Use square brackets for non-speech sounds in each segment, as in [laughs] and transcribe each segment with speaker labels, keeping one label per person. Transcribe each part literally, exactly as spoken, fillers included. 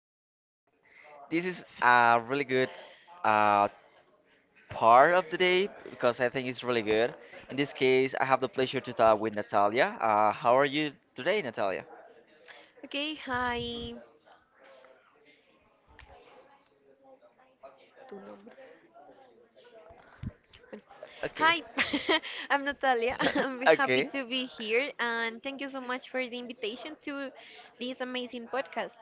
Speaker 1: I'm just kidding. This is a really good uh, part of the day because I think it's really good. In this case, I have the pleasure to talk with Natalia. Uh, how are you today, Natalia?
Speaker 2: Okay, hi. Tu nombre. Bueno.
Speaker 1: Okay.
Speaker 2: Hi, [laughs] I'm Natalia. [laughs] I'm
Speaker 1: [laughs]
Speaker 2: happy
Speaker 1: Okay.
Speaker 2: to be here and thank you so much for the invitation to this amazing podcast.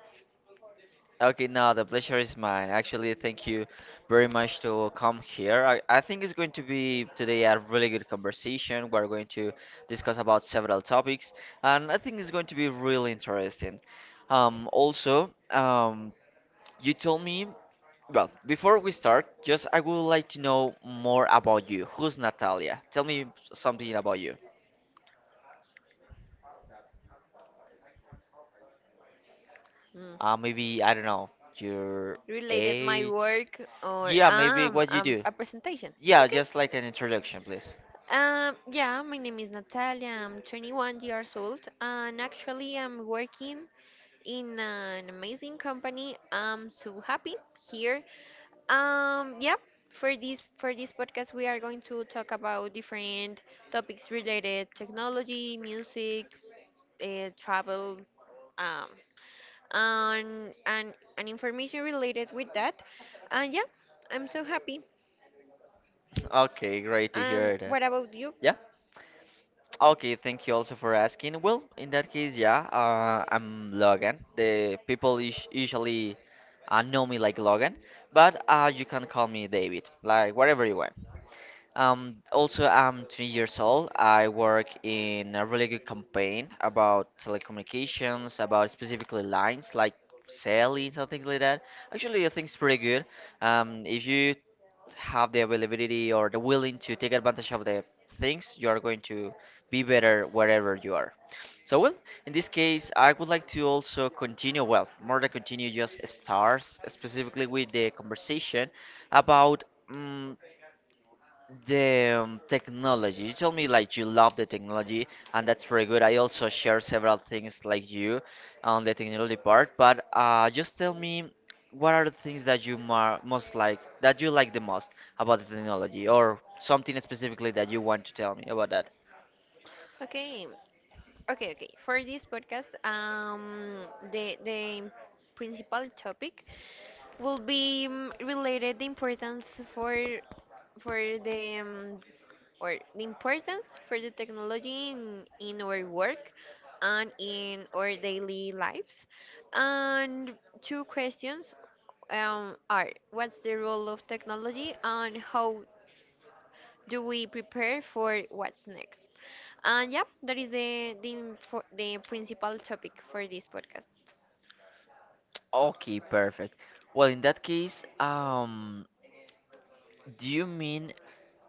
Speaker 1: Okay, no, the pleasure is mine. Actually, thank you very much to come here. I, I think it's going to be today a really good conversation. We're going to discuss about several topics, and I think it's going to be really interesting. Um, also, um, you told me, well, before we start, just I would like to know more about you. Who's Natalia? Tell me something about you.
Speaker 2: Mm,
Speaker 1: Uh, maybe, I don't know, your
Speaker 2: Related my
Speaker 1: age?
Speaker 2: work or
Speaker 1: Yeah, maybe
Speaker 2: um,
Speaker 1: what you
Speaker 2: um
Speaker 1: do.
Speaker 2: a presentation.
Speaker 1: Yeah,
Speaker 2: Okay.
Speaker 1: just like an introduction, please.
Speaker 2: Um, yeah, my name is Natalia. I'm twenty-one years old, and actually, I'm working in an amazing company. I'm so happy here. Um, yeah, for this for this podcast we are going to talk about different topics related technology, music, uh, travel, um, and and and information related with that. And yeah, I'm so happy.
Speaker 1: Okay, great to
Speaker 2: And
Speaker 1: hear that.
Speaker 2: what about you?
Speaker 1: Yeah. Okay, thank you also for asking. Well, in that case, yeah, uh, I'm Logan. The people us- usually uh, know me like Logan, but uh, you can call me David, like whatever you want. Um, also, I'm twenty years old. I work in a really good campaign about telecommunications, about specifically lines like selling, something like that. Actually, I think it's pretty good. Um, if you have the availability or the willing to take advantage of the things, you are going to be better wherever you are. So, well, in this case, I would like to also continue, well, more than continue, just stars specifically with the conversation about. mm the um, technology. You told me like you love the technology, and that's very good. I also share several things like you on the technology part, but uh, just tell me what are the things that you mar most like, that you like the most about the technology, or something specifically that you want to tell me about that.
Speaker 2: Okay, okay, okay. For this podcast, um, the the principal topic will be um, related the importance for for the um, or the importance for the technology in, in our work and in our daily lives. And two questions um, are what's the role of technology and how do we prepare for what's next? And yeah, that is the the, info- the principal topic for this podcast.
Speaker 1: Okay, perfect. Well, in that case, um, do you mean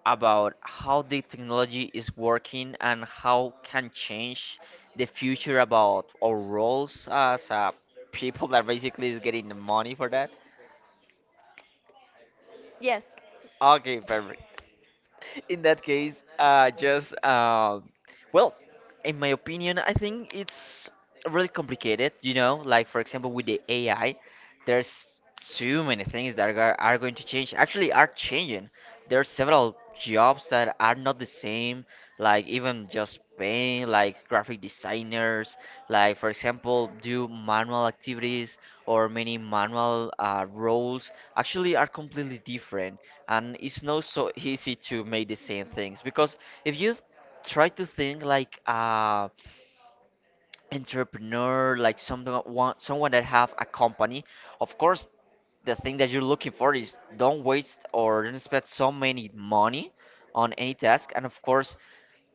Speaker 1: about how the technology is working and how can change the future about our roles as uh, people that basically is getting the money for that?
Speaker 2: Yes.
Speaker 1: Okay, perfect. [laughs] In that case, uh, just uh, well, in my opinion, I think it's really complicated. You know, like for example, with the A I, there's too many things that are, are going to change. Actually, are changing. There are several jobs that are not the same, like even just paying like graphic designers, like for example, do manual activities or many manual uh, roles actually are completely different, and it's not so easy to make the same things because if you try to think like um entrepreneur, like someone want someone that have a company. Of course, the thing that you're looking for is don't waste or don't spend so many money on any task. And of course,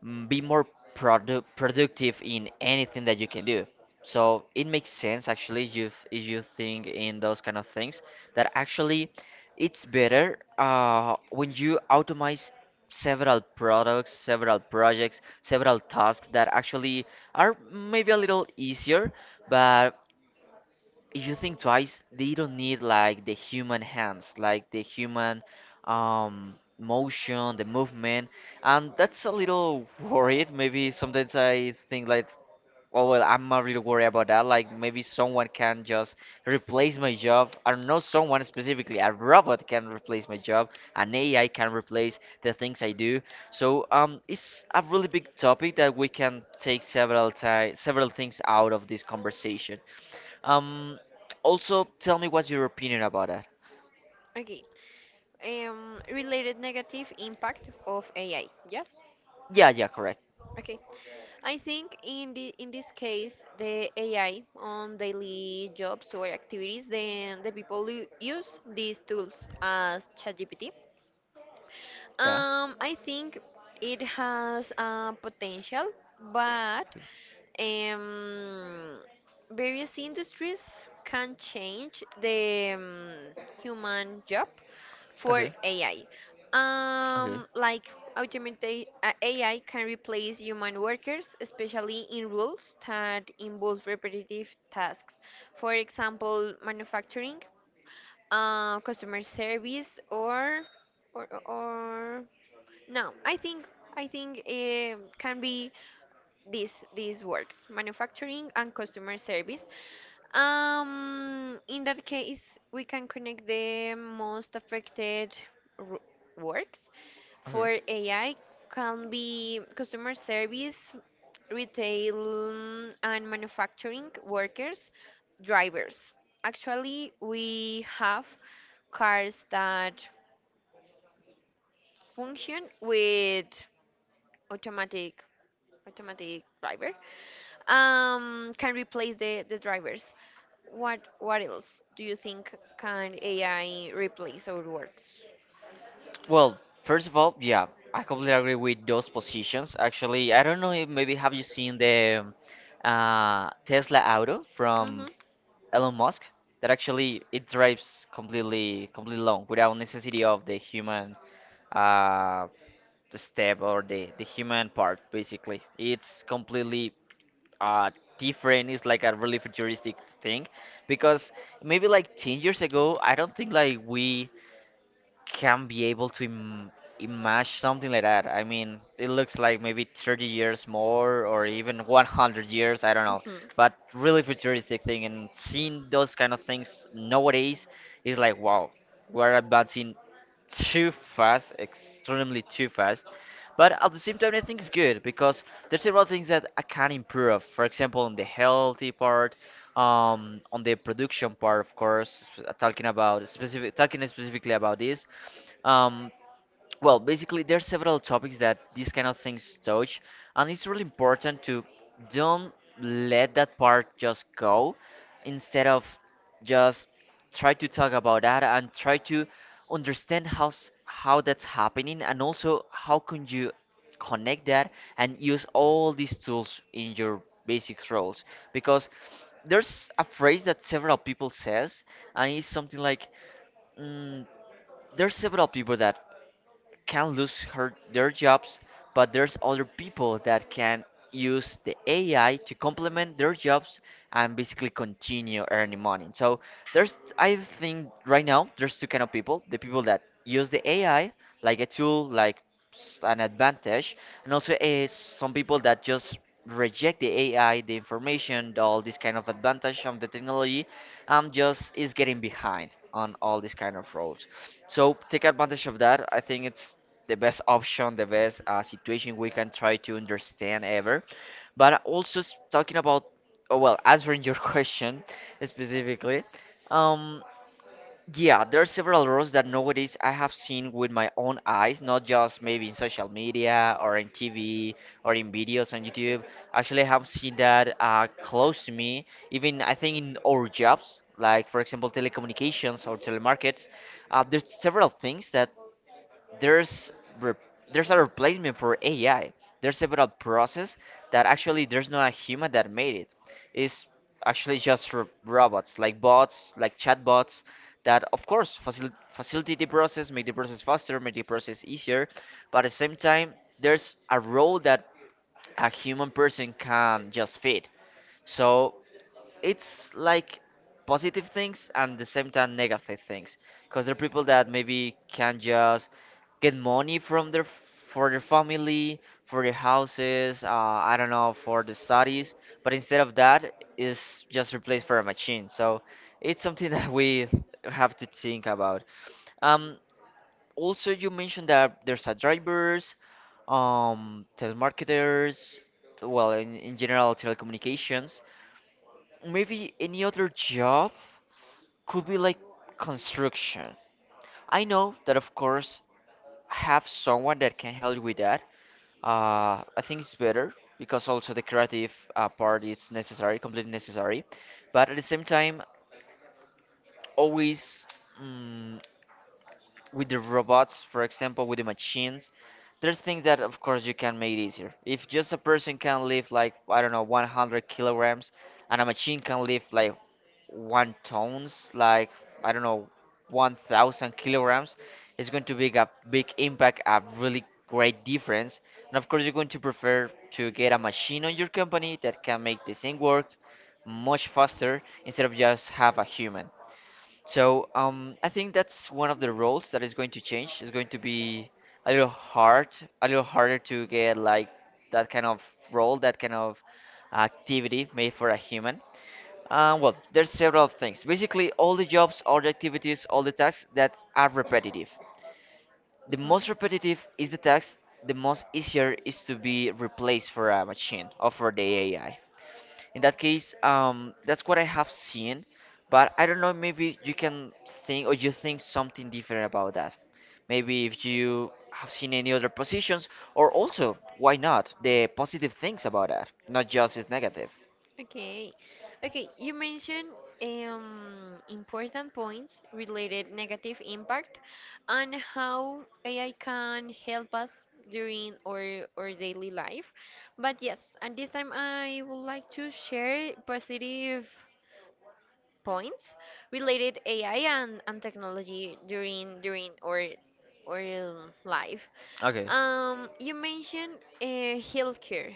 Speaker 1: mm, be more produ- productive in anything that you can do. So it makes sense actually if you th- if you think in those kind of things that actually it's better uh, when you automate several products, several projects, several tasks that actually are maybe a little easier, but if you think twice, they don't need like the human hands, like the human um, motion, the movement, and that's a little worried. Maybe sometimes I think like, oh well, I'm not really worried about that. Like maybe someone can just replace my job. I don't know someone specifically. A robot can replace my job. An A I can replace the things I do. So um, it's a really big topic that we can take several ti several things out of this conversation. Um, also, tell me what's your opinion about that.
Speaker 2: Okay. Um, related negative impact of A I. Yes.
Speaker 1: Yeah, yeah, correct.
Speaker 2: Okay. I think in the in this case, the A I on daily jobs or activities, then the people who use these tools as ChatGPT.
Speaker 1: Yeah.
Speaker 2: Um, I think it has a potential, but um, various industries can change the um, human job for
Speaker 1: Okay.
Speaker 2: A I.
Speaker 1: Okay.
Speaker 2: Um, like automate uh, A I can replace human workers, especially in roles that involve repetitive tasks. For example, manufacturing, uh, customer service, or or or no, I think I think um can be these these works, manufacturing and customer service. Um, in that case, we can connect the most affected r- works
Speaker 1: Okay.
Speaker 2: for A I, can be customer service, retail, mm, and manufacturing workers, drivers. Actually, we have cars that function with automatic automatic driver, um, can replace the, the drivers. What what else do you think can A I replace our works?
Speaker 1: Well, first of all, yeah, I completely agree with those positions. Actually, I don't know if maybe have you seen the um, uh, Tesla Auto from Elon Musk that actually it drives completely completely alone without necessity of the human uh, the step or the the human part basically. It's completely uh different. It's like a really futuristic thing because maybe like ten years ago, I don't think like we can be able to Im- imagine something like that. I mean, it looks like maybe thirty years more or even one hundred years, I don't know.
Speaker 2: hmm
Speaker 1: But really futuristic thing, and seeing those kind of things nowadays is like, wow, we're advancing too fast, extremely too fast. But at the same time, I think it's good because there's several things that I can improve. For example, in the healthy part, um, on the production part, of course, sp- talking about specific, talking specifically about this. Um, well, basically, there are several topics that these kind of things touch, and it's really important to don't let that part just go. Instead of just try to talk about that and try to understand how s- how that's happening, and also how can you connect that and use all these tools in your basic roles. Because there's a phrase that several people says, and it's something like mm, there's several people that can lose her, their jobs, but there's other people that can use the A I to complement their jobs and basically continue earning money. So there's, I think right now, there's two kind of people: the people that use the A I like a tool, like s- an advantage, and also is some people that just reject the A I, the information, the all this kind of advantage of the technology, um, just is getting behind on all these kind of roads. So take advantage of that. I think it's the best option, the best uh, situation we can try to understand ever. But also s- talking about, oh, well, answering your [laughs] question specifically, um, yeah, there are several rules that nowadays I have seen with my own eyes, not just maybe in social media or in T V or in videos on YouTube. Actually, I have seen that uh, close to me, even I think in our jobs, like for example, telecommunications or telemarkets. Uh, there's several things that there's re- there's a replacement for A I. There's several process that actually there's not a human that made it. It's actually just ro- robots, like bots, like chatbots, that of course facil- facilitate the process, make the process faster, make the process easier. But at the same time, there's a role that a human person can just fit. So it's like positive things and the same time negative things because there are people that maybe can just get money from their for their family, for their houses, uh, I don't know, for the studies, but instead of that is just replaced for a machine. So it's something [laughs] that we have to think about. um Also, you mentioned that there's a drivers, um telemarketers, well, in, in general telecommunications. Maybe any other job could be like construction. I know that, of course, have someone that can help with that. Uh, I think it's better because also the creative uh, part is necessary, completely necessary. But at the same time, always. mm, with the robots, for example, with the machines, there's things that, of course, you can make easier. If just a person can lift like, I don't know, one hundred kilograms, and a machine can lift like one tons, like, I don't know, one thousand kilograms, it's going to be a big impact, a really great difference. And of course, you're going to prefer to get a machine on your company that can make this thing work much faster instead of just have a human. So um, I think that's one of the roles that is going to change. It's going to be a little hard, a little harder to get like that kind of role, that kind of activity made for a human. Uh, well, there's several things. Basically, all the jobs, all the activities, all the tasks that are repetitive. The
Speaker 2: hmm hmm
Speaker 1: most repetitive is the task. The most easier is to be replaced for a machine or for the A I. In that case, um, that's what I have seen, but I don't know, maybe you can think or you think something different about that. Maybe if you have seen any other positions, or also, why not, the positive things about that, not just its negative.
Speaker 2: Okay. Okay, you mentioned um, important points related negative impact and how A I can help us during our, our daily life. But yes, at this time I would like to share positive points related A I and, and technology during during our or um, life.
Speaker 1: Okay.
Speaker 2: Um, you mentioned uh, healthcare.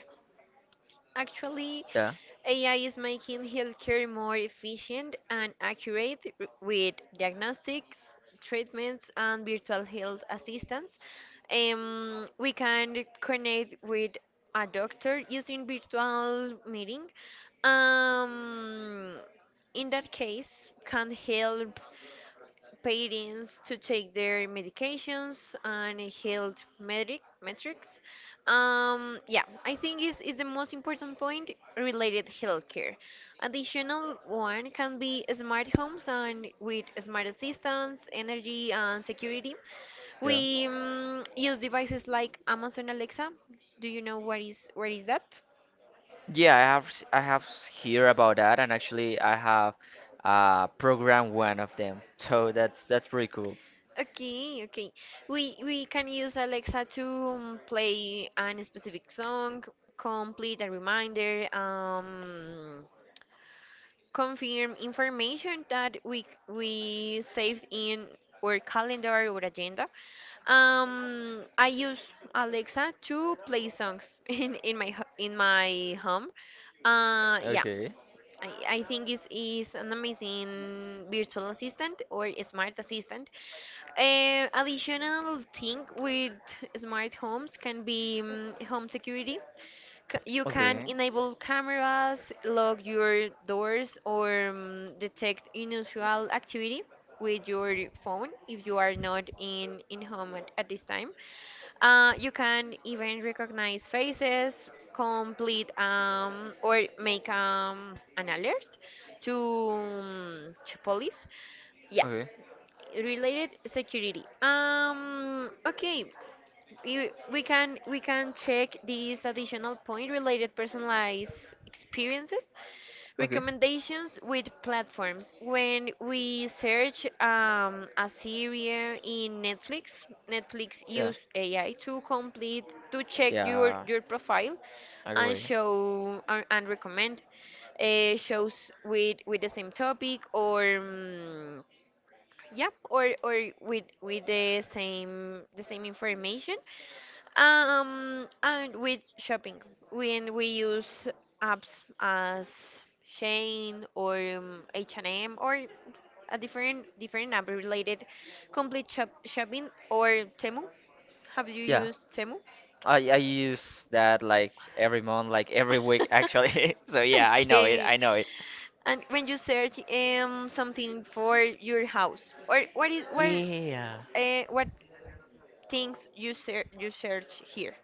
Speaker 2: Actually,
Speaker 1: Yeah.
Speaker 2: A I is making healthcare more efficient and accurate r- with diagnostics, treatments, and virtual health assistance. Um, we can connect with a doctor using virtual meeting. Um, in that case, can help patients to take their medications and health metric, metrics. Um, yeah, I think is is the most important point related healthcare. Additional one can be smart homes and with smart assistants, energy and security.
Speaker 1: Yeah.
Speaker 2: We um, use devices like Amazon Alexa. Do you know what is what is that?
Speaker 1: Yeah, I have s- I have s- hear about that, and actually I have uh programmed one of them. [laughs] So that's that's pretty cool.
Speaker 2: Okay, okay. We we can use Alexa to um, play a specific song, complete a reminder, um, confirm information that we we saved in our calendar or agenda. Um, I use Alexa to play songs [laughs] in in my ho- in my home. Uh, yeah.
Speaker 1: Okay.
Speaker 2: I, I think it's is an amazing virtual assistant or a smart assistant. Uh, additional thing with smart homes can be mm, home security. C- you can
Speaker 1: Okay.
Speaker 2: enable cameras, lock your doors, or mm, detect unusual activity with your phone if you are not in in home at, at this time. Uh, you can even recognize faces, complete um, or make um, an alert to, mm, to police. Yeah,
Speaker 1: Okay.
Speaker 2: related security, um okay, you, we can we can check these additional point related personalized experiences,
Speaker 1: Okay.
Speaker 2: recommendations with platforms when we search um, a series in Netflix. Netflix
Speaker 1: Yeah.
Speaker 2: use AI to complete to check your
Speaker 1: Yeah,
Speaker 2: your profile and
Speaker 1: agree.
Speaker 2: show and and recommend uh, shows with with the same topic or um, yep, or or with with the same the same information. Um, and with shopping, when we use apps as Shane or um, H and M or a different different app related complete shop shopping or Temu. Have you
Speaker 1: Yeah.
Speaker 2: used Temu?
Speaker 1: I I use that like every month, like every week actually.
Speaker 2: [laughs]
Speaker 1: [laughs] So yeah, I know it.
Speaker 2: Okay.
Speaker 1: I know it.
Speaker 2: And when you search um something for your house or what is what
Speaker 1: Yeah.
Speaker 2: uh, what things you ser you search here?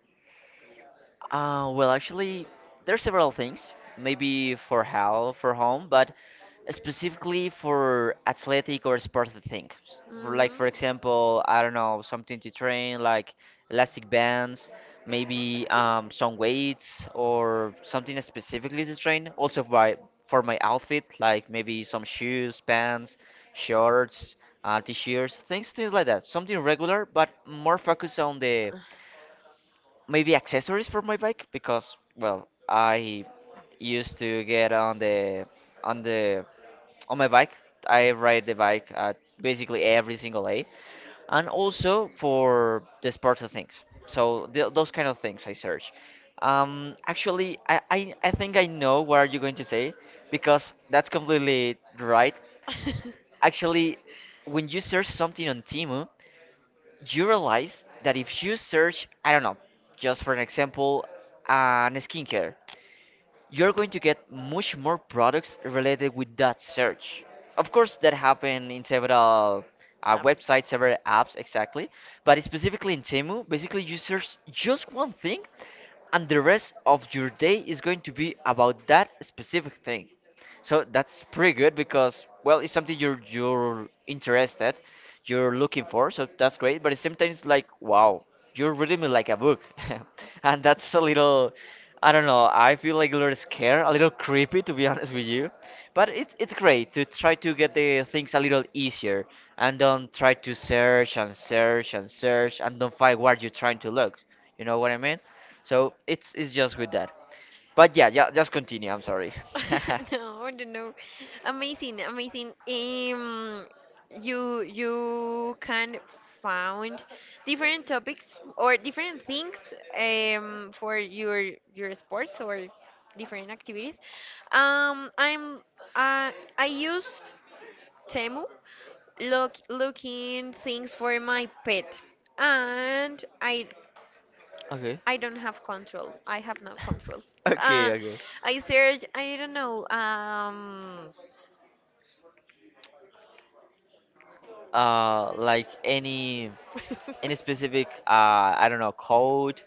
Speaker 1: Uh, well, actually, there are several things. Maybe for how for home, but specifically for athletic or sporty things. For like,
Speaker 2: Mm.
Speaker 1: for example, I don't know, something to train, like elastic bands, maybe um, some weights or something specifically to train. Also by for my outfit, like maybe some shoes, pants, shorts, uh, t-shirts, things, things like that. Something regular, but more focused on the maybe accessories for my bike, because well, I used to get on the on the on my bike. I ride the bike at basically every single day, and also for the sports things. So th- those kind of things I search. Um actually, I, I i think I know what you're going to say, because that's completely right.
Speaker 2: [laughs]
Speaker 1: Actually, when you search something on Timu, you realize that if you search, I don't know, just for an example, an skincare, you're going to get much more products related with that search. Of course, that happened in several uh,
Speaker 2: Apps.
Speaker 1: websites, several apps, exactly. But specifically in Temu, basically you search just one thing, and the rest of your day is going to be about that specific thing. So that's pretty good, because well, it's something you're you're interested, you're looking for. So that's great. But it's sometimes like, wow, you're reading me like a book, [laughs] and that's a little. I don't know. I feel like a little scared, a little creepy, to be [laughs] honest with you. But it's it's great to try to get the things a little easier and don't try to search and search and search and don't find what you're trying to look. You know what I mean? So it's it's just with that. But yeah, yeah, just continue. I'm sorry.
Speaker 2: [laughs]
Speaker 1: [laughs]
Speaker 2: No, I don't know. Amazing, amazing. Um, you you can find different topics or different things um for your your sports or different activities. Um, I'm uh, I used Temu look looking things for my pet, and i
Speaker 1: Okay. [laughs]
Speaker 2: i don't have control. I have no control.
Speaker 1: Okay,
Speaker 2: Uh,
Speaker 1: okay.
Speaker 2: I search, I don't know, um
Speaker 1: Uh, like any any specific uh
Speaker 2: [laughs]
Speaker 1: I don't know code.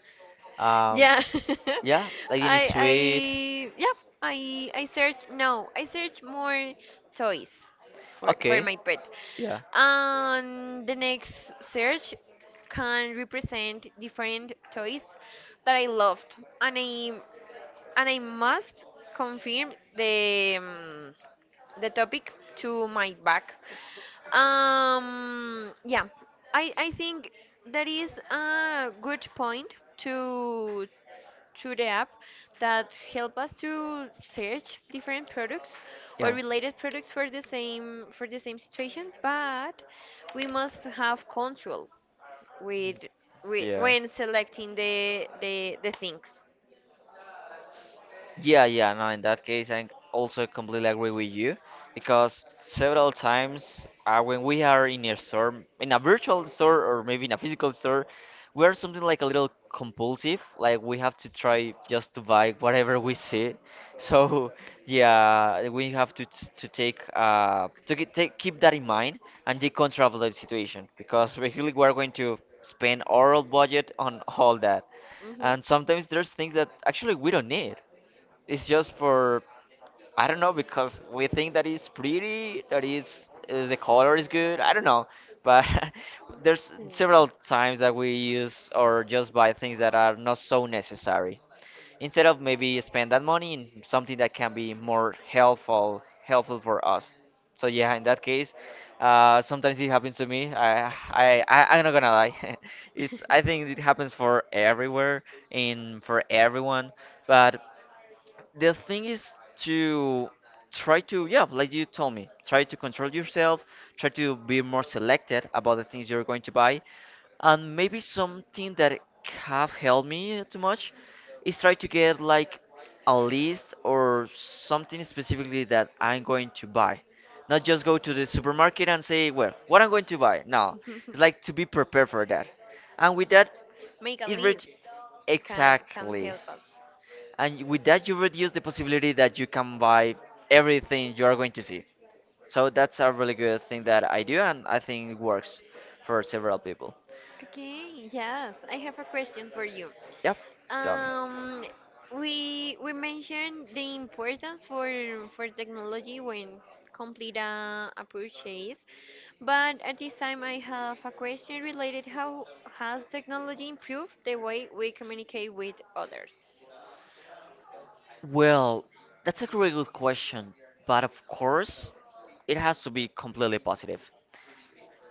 Speaker 1: Um,
Speaker 2: yeah [laughs]
Speaker 1: yeah, like any
Speaker 2: I I
Speaker 1: sweet.
Speaker 2: yeah I I search no I search more toys for for
Speaker 1: Okay.
Speaker 2: my pet,
Speaker 1: Yeah.
Speaker 2: and the next search can represent different toys that I loved, and i and I must confirm the um, the topic to my back. Um, yeah, I I think that is a good point to to the app that help us to search different products or
Speaker 1: Yeah.
Speaker 2: related products for the same for the same situation, but we must have control with, with
Speaker 1: Yeah.
Speaker 2: when selecting the the, the things.
Speaker 1: Yeah, yeah, no, in that case, I also completely agree with you, because several times uh, when we are in a store, in a virtual store or maybe in a physical store, we are something like a little compulsive, like we have to try just to buy whatever we see. [laughs] So, yeah, we have to t to take uh to ke- take keep that in mind and decontrol control the situation, because [laughs] basically we're going to spend our whole budget on all that. And
Speaker 2: hmm
Speaker 1: sometimes there's things that actually we don't need. It's just for I don't know, because we think that it's pretty, that is uh, the color is good. I don't know, but [laughs] there's several times that we use or just buy things that are not so necessary. Instead of maybe spend that money in something that can be more helpful, helpful for us. So yeah, in that case, uh, sometimes it happens to me. I, I, I, I'm not gonna lie. [laughs] It's I think it happens for everywhere and for everyone, but the thing is to try to, yeah, like you told me, try to control yourself, try to be more selected about the things you're going to buy, and maybe something that have helped me too much is try to get like a list or something specifically that I'm going to buy. Not just go to the supermarket and say, well, what I'm going to buy? No, it's
Speaker 2: [laughs]
Speaker 1: like to be prepared for that. And with that
Speaker 2: Make a
Speaker 1: it reach,
Speaker 2: list can can
Speaker 1: exactly,
Speaker 2: help us.
Speaker 1: and y- with that you reduce the possibility that you can buy everything you are going to see. So that's a really good thing that I do, and I think it works for several people.
Speaker 2: Okay, yes, I have a question for you.
Speaker 1: Yep, tell me.
Speaker 2: Um, we we mentioned the importance for for technology when complete a, a purchase, but at this time I have a question related how has technology improved the way we communicate with others?
Speaker 1: Well, that's a really good question, but of course, it has to be completely positive.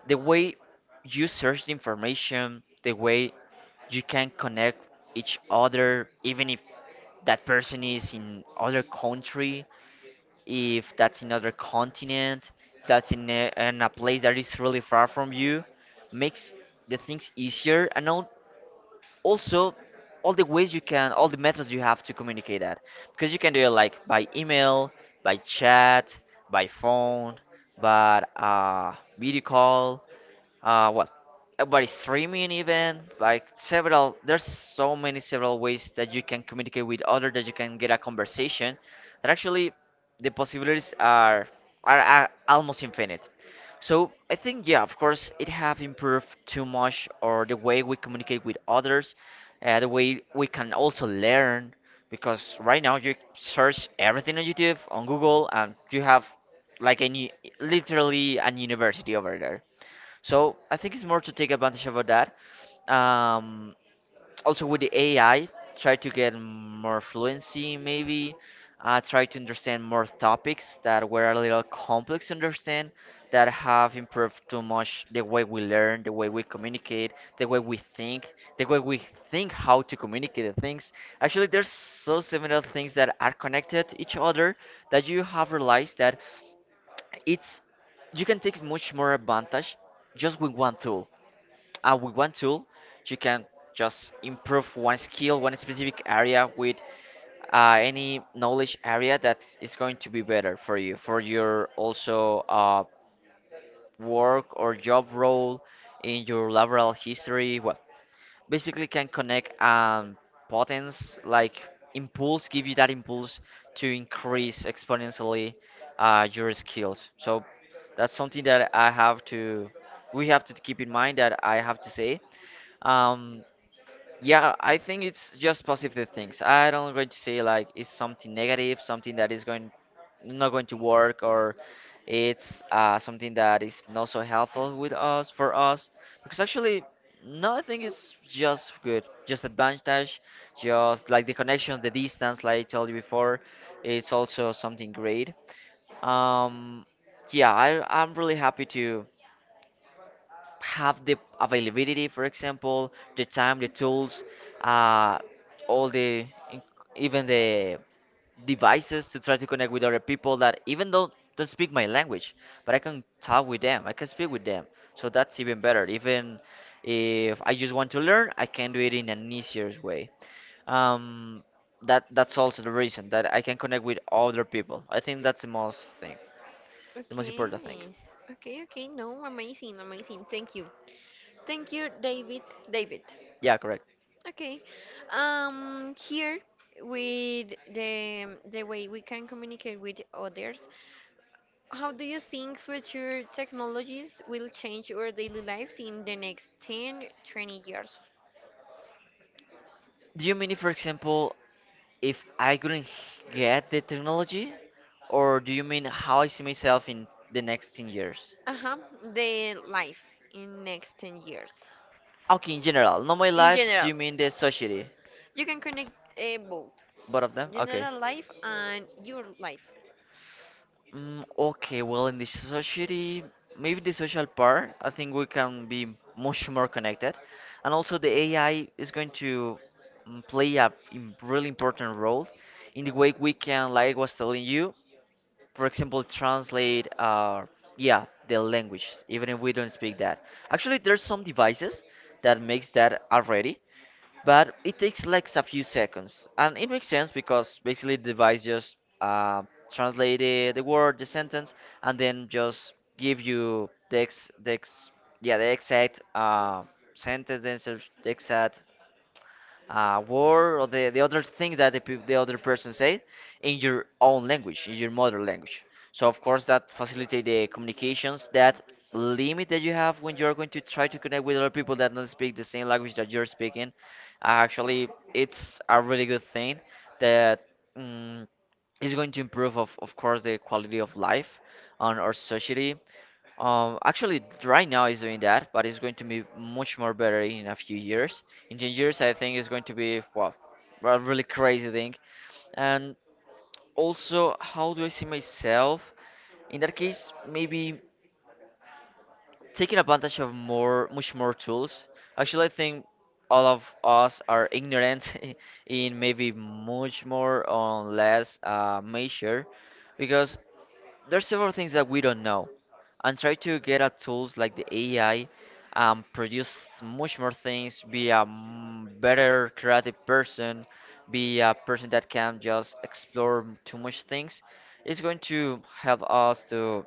Speaker 1: The way you search the information, the way you can connect each other, even if that person is in other country, if that's another continent, if that's in a, in a place that is really far from you, makes the things easier and al- also all the ways you can, all the methods you have to communicate that. Because you can do it like by email, by chat, by phone, by uh, video call, uh, well, uh, by streaming even, like several, there's so many several ways that you can communicate with other, that you can get a conversation, that actually the possibilities are are, are almost infinite. So I think, yeah, of course, it have improved too much, or the way we communicate with others, uh, the way we can also learn, because right now you search everything on YouTube, on Google, and you have like any literally an university over there. So I think it's more to take advantage of that. Um, Also with the A I, try to get more fluency maybe. Uh, try to understand more topics that were a little complex to understand, that have improved too much the way we learn, the way we communicate, the way we think, the way we think how to communicate things. Actually, there's so similar things that are connected to each other, that you have realized that it's you can take much more advantage just with one tool. Uh, with one tool, you can just improve one skill, one specific area with uh, any knowledge area that is going to be better for you, for your also uh, work or job role in your laboral history. Well, basically can connect um potence like impulse, give you that impulse to increase exponentially uh, your skills. So that's something that I have to we have to keep in mind, that I have to say. um yeah, I think it's just positive things. I don't going to say like it's something negative, something that is going not going to work, or it's uh, something that is not so helpful with us for us. Because actually, no, I think it's just good, just advantage, just like the connection, the distance, like I told you before, it's also something great. Um, yeah, I I'm really happy to have the availability, for example, the time, the tools, uh, all the in- even the devices to try to connect with other people that even though don't speak my language, but I can talk with them. I can speak with them. So that's even better. Even if I just want to learn, I can do it in an easier way. Um, that that's also the reason that I can connect with other people. I think that's the most thing, the most
Speaker 2: Okay,
Speaker 1: important thing.
Speaker 2: okay, okay. No, amazing, amazing. Thank you, thank you, David, David.
Speaker 1: Yeah, correct.
Speaker 2: Okay, um, here with the the way we can communicate with others, how do you think future technologies will change our daily lives in the next ten, twenty years?
Speaker 1: Do you mean, if, for example, if I couldn't get the technology, or do you mean how I see myself in the next ten years?
Speaker 2: Uh-huh, the life in next ten years.
Speaker 1: Okay, in general, not my
Speaker 2: In
Speaker 1: life, do
Speaker 2: general,
Speaker 1: you mean the society?
Speaker 2: you can connect, uh, both
Speaker 1: Both of them? Okay.
Speaker 2: general life and your life.
Speaker 1: Mm, okay, well, in the society, maybe the social part, I think we can be much more connected. And also, the A I is going to, mm, play a im- really important role in the way we can, like I was telling you, for example, translate uh yeah, the language, even if we don't speak that. Actually, there's some devices that makes that already, but it takes like a few seconds, and it makes sense because basically the device just uh, translate the, the word, the sentence, and then just give you the ex, the ex, yeah, the exact uh, sentence, the ex- the exact uh, word or the, the other thing that the, peop- the other person said in your own language, in your mother language. So of course that facilitate the communications, that limit that you have when you're going to try to connect with other people that don't speak the same language that you're speaking. Actually, it's a really good thing that, mm, is going to improve, of, of course, the quality of life on our society. Um, actually, right now it's doing that, but it's going to be much more better in a few years. In ten years, I think it's going to be, well, a really crazy thing. And also, how do I see myself? In that case, maybe taking advantage of more, much more tools. Actually, I think all of us are ignorant [laughs] in maybe much more or less uh, measure, because there's several things that we don't know, and try to get at tools like the A I and produce much more things, be a m- better creative person, be a person that can just explore too much things. It's going to help us to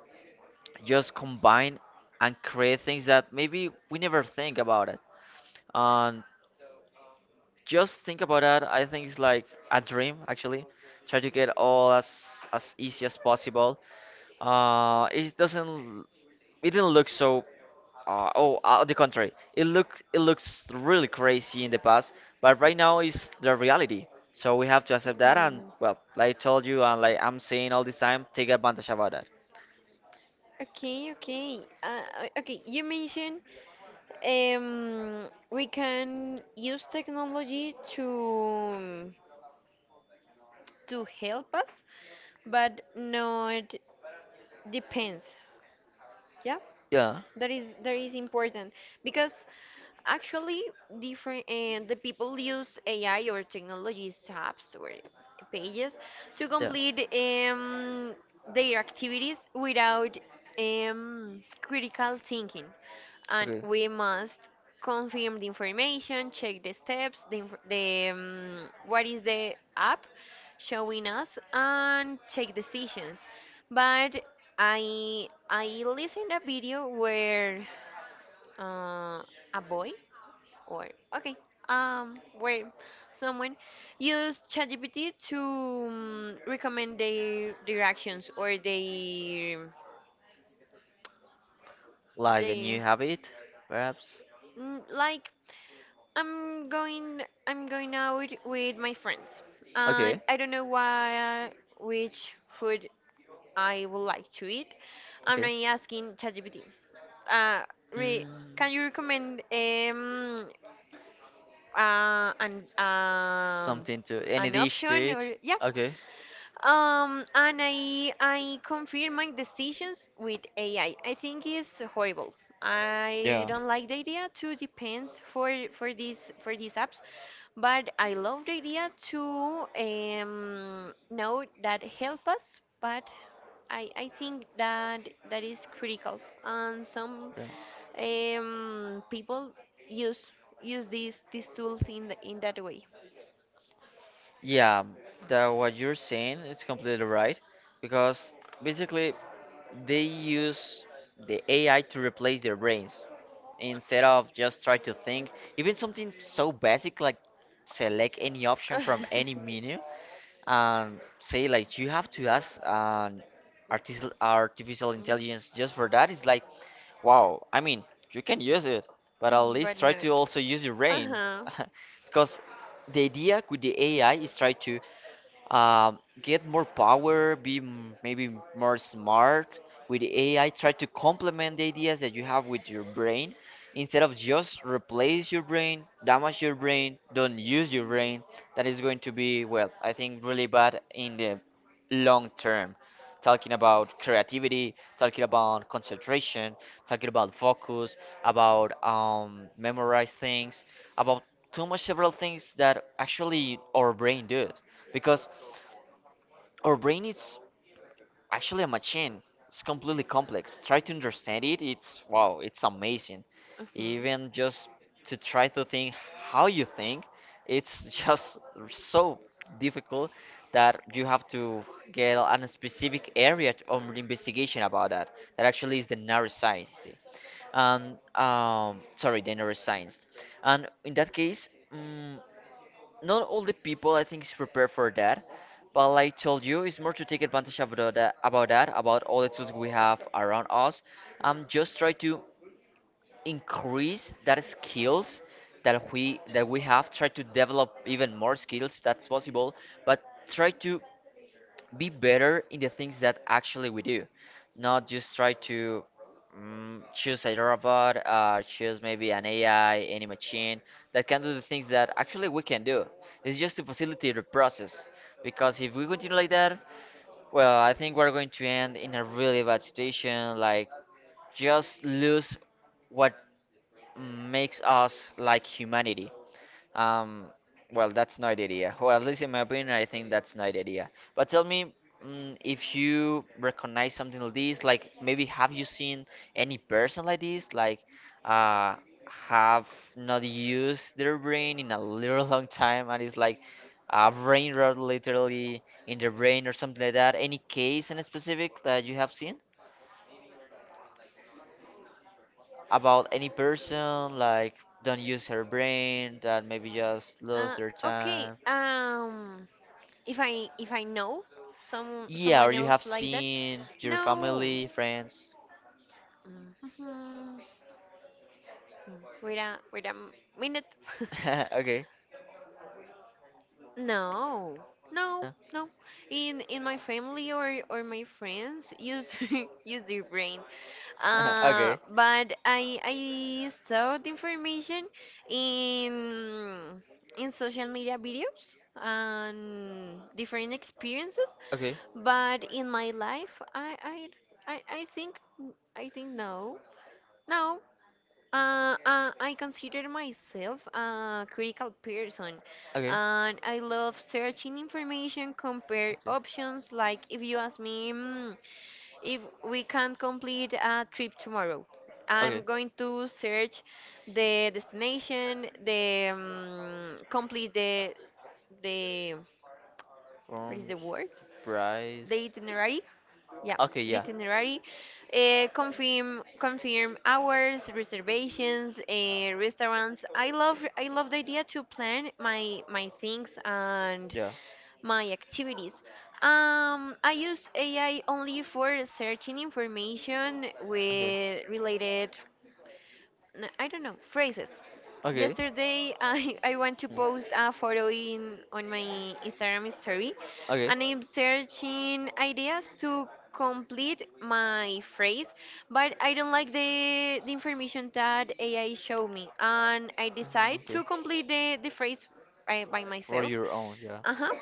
Speaker 1: just combine and create things that maybe we never think about it. And just think about that. I think it's like a dream actually. Try to get all as as easy as possible. Uh, it doesn't it didn't look so uh, oh uh, on the contrary, it looks it looks really crazy in the past, but right now is the reality. So we have to
Speaker 2: It's
Speaker 1: accept that, and
Speaker 2: normal.
Speaker 1: well, like I told you, and like I'm saying all this time, take advantage about that.
Speaker 2: Okay, okay. Uh, uh, okay, you mentioned um, we can use technology to to help us, but not depends, yeah,
Speaker 1: Yeah,
Speaker 2: that is that is important because actually different and the people use AI or technologies apps or pages to
Speaker 1: yeah,
Speaker 2: complete um, their activities without um, critical thinking, and
Speaker 1: okay.
Speaker 2: we must confirm the information, check the steps, the, inf- the um, what is the app showing us, and take decisions. But I I listened a video where uh, a boy or okay um where someone used ChatGPT to um, recommend their their actions or their
Speaker 1: Like a new
Speaker 2: their
Speaker 1: habit, perhaps?
Speaker 2: mm, like I'm going I'm going out with my friends,
Speaker 1: Okay,
Speaker 2: and I don't know why which food I would like to eat. I'm not
Speaker 1: okay.
Speaker 2: asking ChatGPT. Uh, re
Speaker 1: Mm,
Speaker 2: Can you recommend um uh an um
Speaker 1: something to, any
Speaker 2: an
Speaker 1: dish to
Speaker 2: option,
Speaker 1: eat?
Speaker 2: or yeah,
Speaker 1: Okay,
Speaker 2: um and I I confirm my decisions with A I. I I think it's horrible. I
Speaker 1: yeah.
Speaker 2: don't like the idea to depends for for these for these apps, but I love the idea to um, know that help us, but I, I think that that is critical. And some
Speaker 1: Yeah.
Speaker 2: um, people use use these these tools in the, in that way.
Speaker 1: Yeah, that what you're saying is completely right, because basically they use the A I to replace their brains instead of just try to think. Even something so basic like select any option from any
Speaker 2: [laughs]
Speaker 1: menu, and say like you have to ask an artificial artificial intelligence just for that, it's like wow. I mean, you can use it, but at least
Speaker 2: But
Speaker 1: try
Speaker 2: not.
Speaker 1: to also use your
Speaker 2: Uh
Speaker 1: brain.
Speaker 2: huh.
Speaker 1: [laughs] Because the idea with the AI is try to um, get more power, be m- maybe m- more smart with A I. Try to complement the ideas that you have with your brain instead of just replace your brain, damage your brain, don't use your brain. That is going to be, well, I think really bad in the long term. Talking about creativity, talking about concentration, talking about focus, about um, memorize things, about too much several things that actually our brain does, because our brain is actually a machine. It's completely complex. Try to understand it. It's wow, it's amazing.
Speaker 2: Uh-huh.
Speaker 1: Even just to try to think how you think, it's [laughs] just so difficult that you have to get a specific area of investigation about that. That actually is the neuroscience. And um, sorry, the neuroscience. And in that case, mm not all the people I think is prepared for that. But like I told you, it's more to take advantage of that, about that, about all the tools we have around us. Um, just try to increase that skills that we that we have. Try to develop even more skills if that's possible. But try to be better in the things that actually we do, not just try to mm, choose a robot, uh, choose maybe an A I, any machine that can do the things that actually we can do. It's just to facilitate the process. Because if we continue like that, well, I think we're going to end in a really bad situation, like just lose what makes us like humanity. Um, well, that's not idea. Well, at least in my opinion, I think that's not idea. But tell me, mm, if you recognize something like this, like maybe have you seen any person like this, like uh, have not used their brain in a little long time, and it's like a brain rot literally in the brain or something like that. Any case in specific that you have seen about any person like don't use her brain that maybe just lost
Speaker 2: Uh,
Speaker 1: their
Speaker 2: okay.
Speaker 1: time?
Speaker 2: Um. If I if I know some
Speaker 1: Yeah, or
Speaker 2: someone
Speaker 1: you
Speaker 2: else
Speaker 1: have
Speaker 2: like that,
Speaker 1: seen your
Speaker 2: no.
Speaker 1: family, friends.
Speaker 2: Mhm. Wait a wait a m- minute. [laughs]
Speaker 1: [laughs] Okay.
Speaker 2: No, no,
Speaker 1: Uh,
Speaker 2: no. In in my family or or my friends use [laughs] use their brain.
Speaker 1: [laughs]
Speaker 2: Uh,
Speaker 1: okay.
Speaker 2: but I I saw the information in in social media videos and different experiences.
Speaker 1: Okay.
Speaker 2: But in my life, I I I, I think I think no. No. Uh, uh, I consider myself a critical person,
Speaker 1: Okay.
Speaker 2: and I love searching information, compare
Speaker 1: Okay.
Speaker 2: options. Like if you ask me, "Mm, if we can complete a trip tomorrow,"
Speaker 1: Okay.
Speaker 2: I'm going to search the destination, the um, complete the the what is
Speaker 1: From
Speaker 2: the word? The
Speaker 1: surprise.
Speaker 2: itinerary. Yeah,
Speaker 1: Okay,
Speaker 2: the
Speaker 1: yeah.
Speaker 2: itinerary. Uh, confirm confirm hours, reservations, uh, restaurants. I love I love the idea to plan my my things and
Speaker 1: Yeah.
Speaker 2: my activities. Um, I use A I only for searching information
Speaker 1: Okay.
Speaker 2: with related n- I don't know, phrases.
Speaker 1: Okay.
Speaker 2: Yesterday, I, [laughs] I want to
Speaker 1: Hmm.
Speaker 2: post a photo in on my Instagram story,
Speaker 1: Okay.
Speaker 2: and I'm searching ideas to complete my phrase, but I don't like the the information that A I showed me, and I
Speaker 1: Mm,
Speaker 2: decide
Speaker 1: okay.
Speaker 2: to complete the the phrase by, by
Speaker 1: For
Speaker 2: myself.
Speaker 1: your own, yeah.
Speaker 2: Uh huh.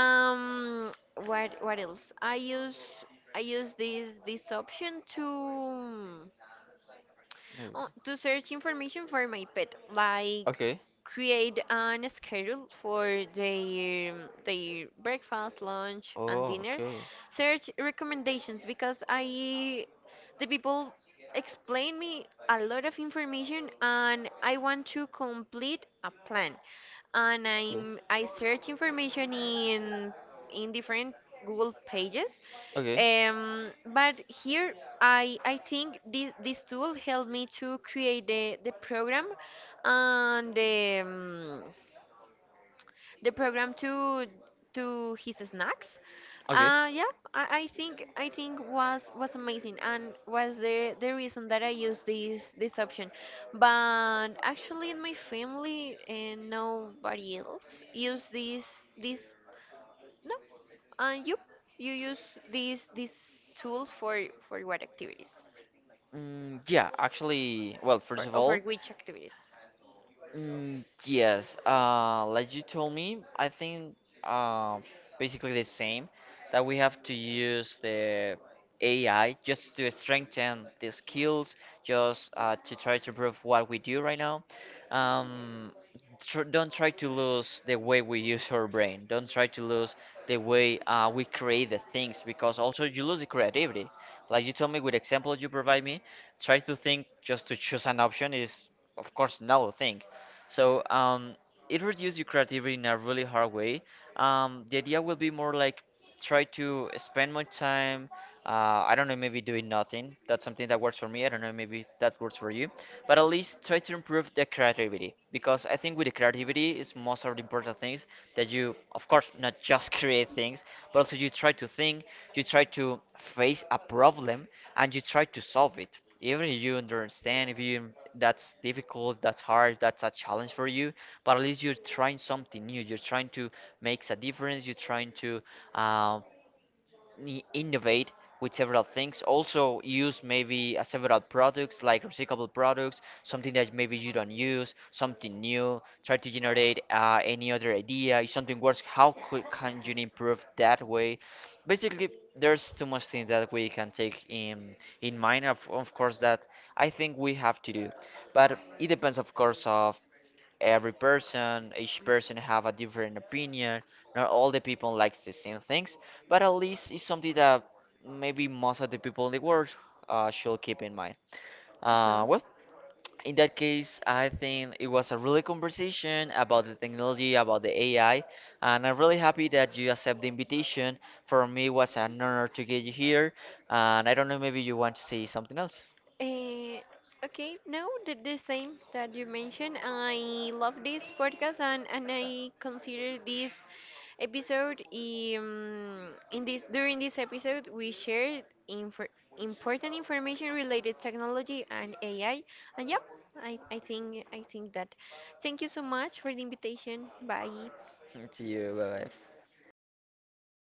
Speaker 2: Um. What what else? I use I use this this option to
Speaker 1: Maybe.
Speaker 2: uh, to search information for my pet, like
Speaker 1: Okay.
Speaker 2: create an schedule for their their breakfast, lunch, and
Speaker 1: Oh,
Speaker 2: dinner.
Speaker 1: okay.
Speaker 2: Search recommendations because I the people explain me a lot of information, and I want to complete a plan, and
Speaker 1: Okay.
Speaker 2: I'm I search information in in different Google pages.
Speaker 1: Okay.
Speaker 2: Um, but here I I think this this tool helped me to create the the program and the the program to to his snacks.
Speaker 1: Okay.
Speaker 2: Uh, yeah, I, I think I think was was amazing and was the the reason that I used this this option. But actually, in my family, uh, nobody else use this this, no. And you you use these these tools for for what activities?
Speaker 1: Mm, yeah, actually, well, first
Speaker 2: For
Speaker 1: of
Speaker 2: or for
Speaker 1: all,
Speaker 2: which activities?
Speaker 1: Mm, yes, uh, like you told me, I think uh, basically the same, that we have to use the A I just to strengthen the skills, just uh, to try to improve what we do right now. Um, tr Don't try to lose the way we use our brain. Don't try to lose the way uh, we create the things, because also you lose the creativity. Like you told me with example you provide me, try to think just to choose an option is of course no thing, so um, it reduces your creativity in a really hard way. Um, the idea will be more like try to spend more time. Uh, I don't know, maybe doing nothing. That's something that works for me. I don't know, maybe that works for you, but at least try to improve the creativity, because I think with the creativity is most of the important things that you, of course, not just [laughs] create things, but also you try to think, you try to face a problem, and you try to solve it. Even if you understand, if you that's difficult, that's hard, that's a challenge for you, but at least you're trying something new. You're trying to make a difference. You're trying to um, i- innovate with several things. Also use maybe uh, several products like recyclable products, something that maybe you don't use, something new. Try to generate uh, any other idea. If something works, how could, can you improve that way? Basically, there's too much things that we can take in in mind. Of, of course, that I think we have to do, but it depends, of course, of every person. Each person have a different opinion. Not all the people likes the same things, but at least it's something that maybe most of the people in the world uh, should keep in mind.
Speaker 2: Uh-huh.
Speaker 1: Uh, well, in that case, I think it was a really conversation about the technology, about the AI, and I'm really happy that you accept the invitation. For me it was an honor to get you here, and I don't know, maybe you want to say something else.
Speaker 2: Eh, okay, no, the, the same that you mentioned. I love this podcast, and, and I consider this episode, um, in this during this episode we shared infor important information related technology and A I. And yep, I, I think I think that. Thank you so much for the invitation. Bye.
Speaker 1: [laughs] To you, bye bye.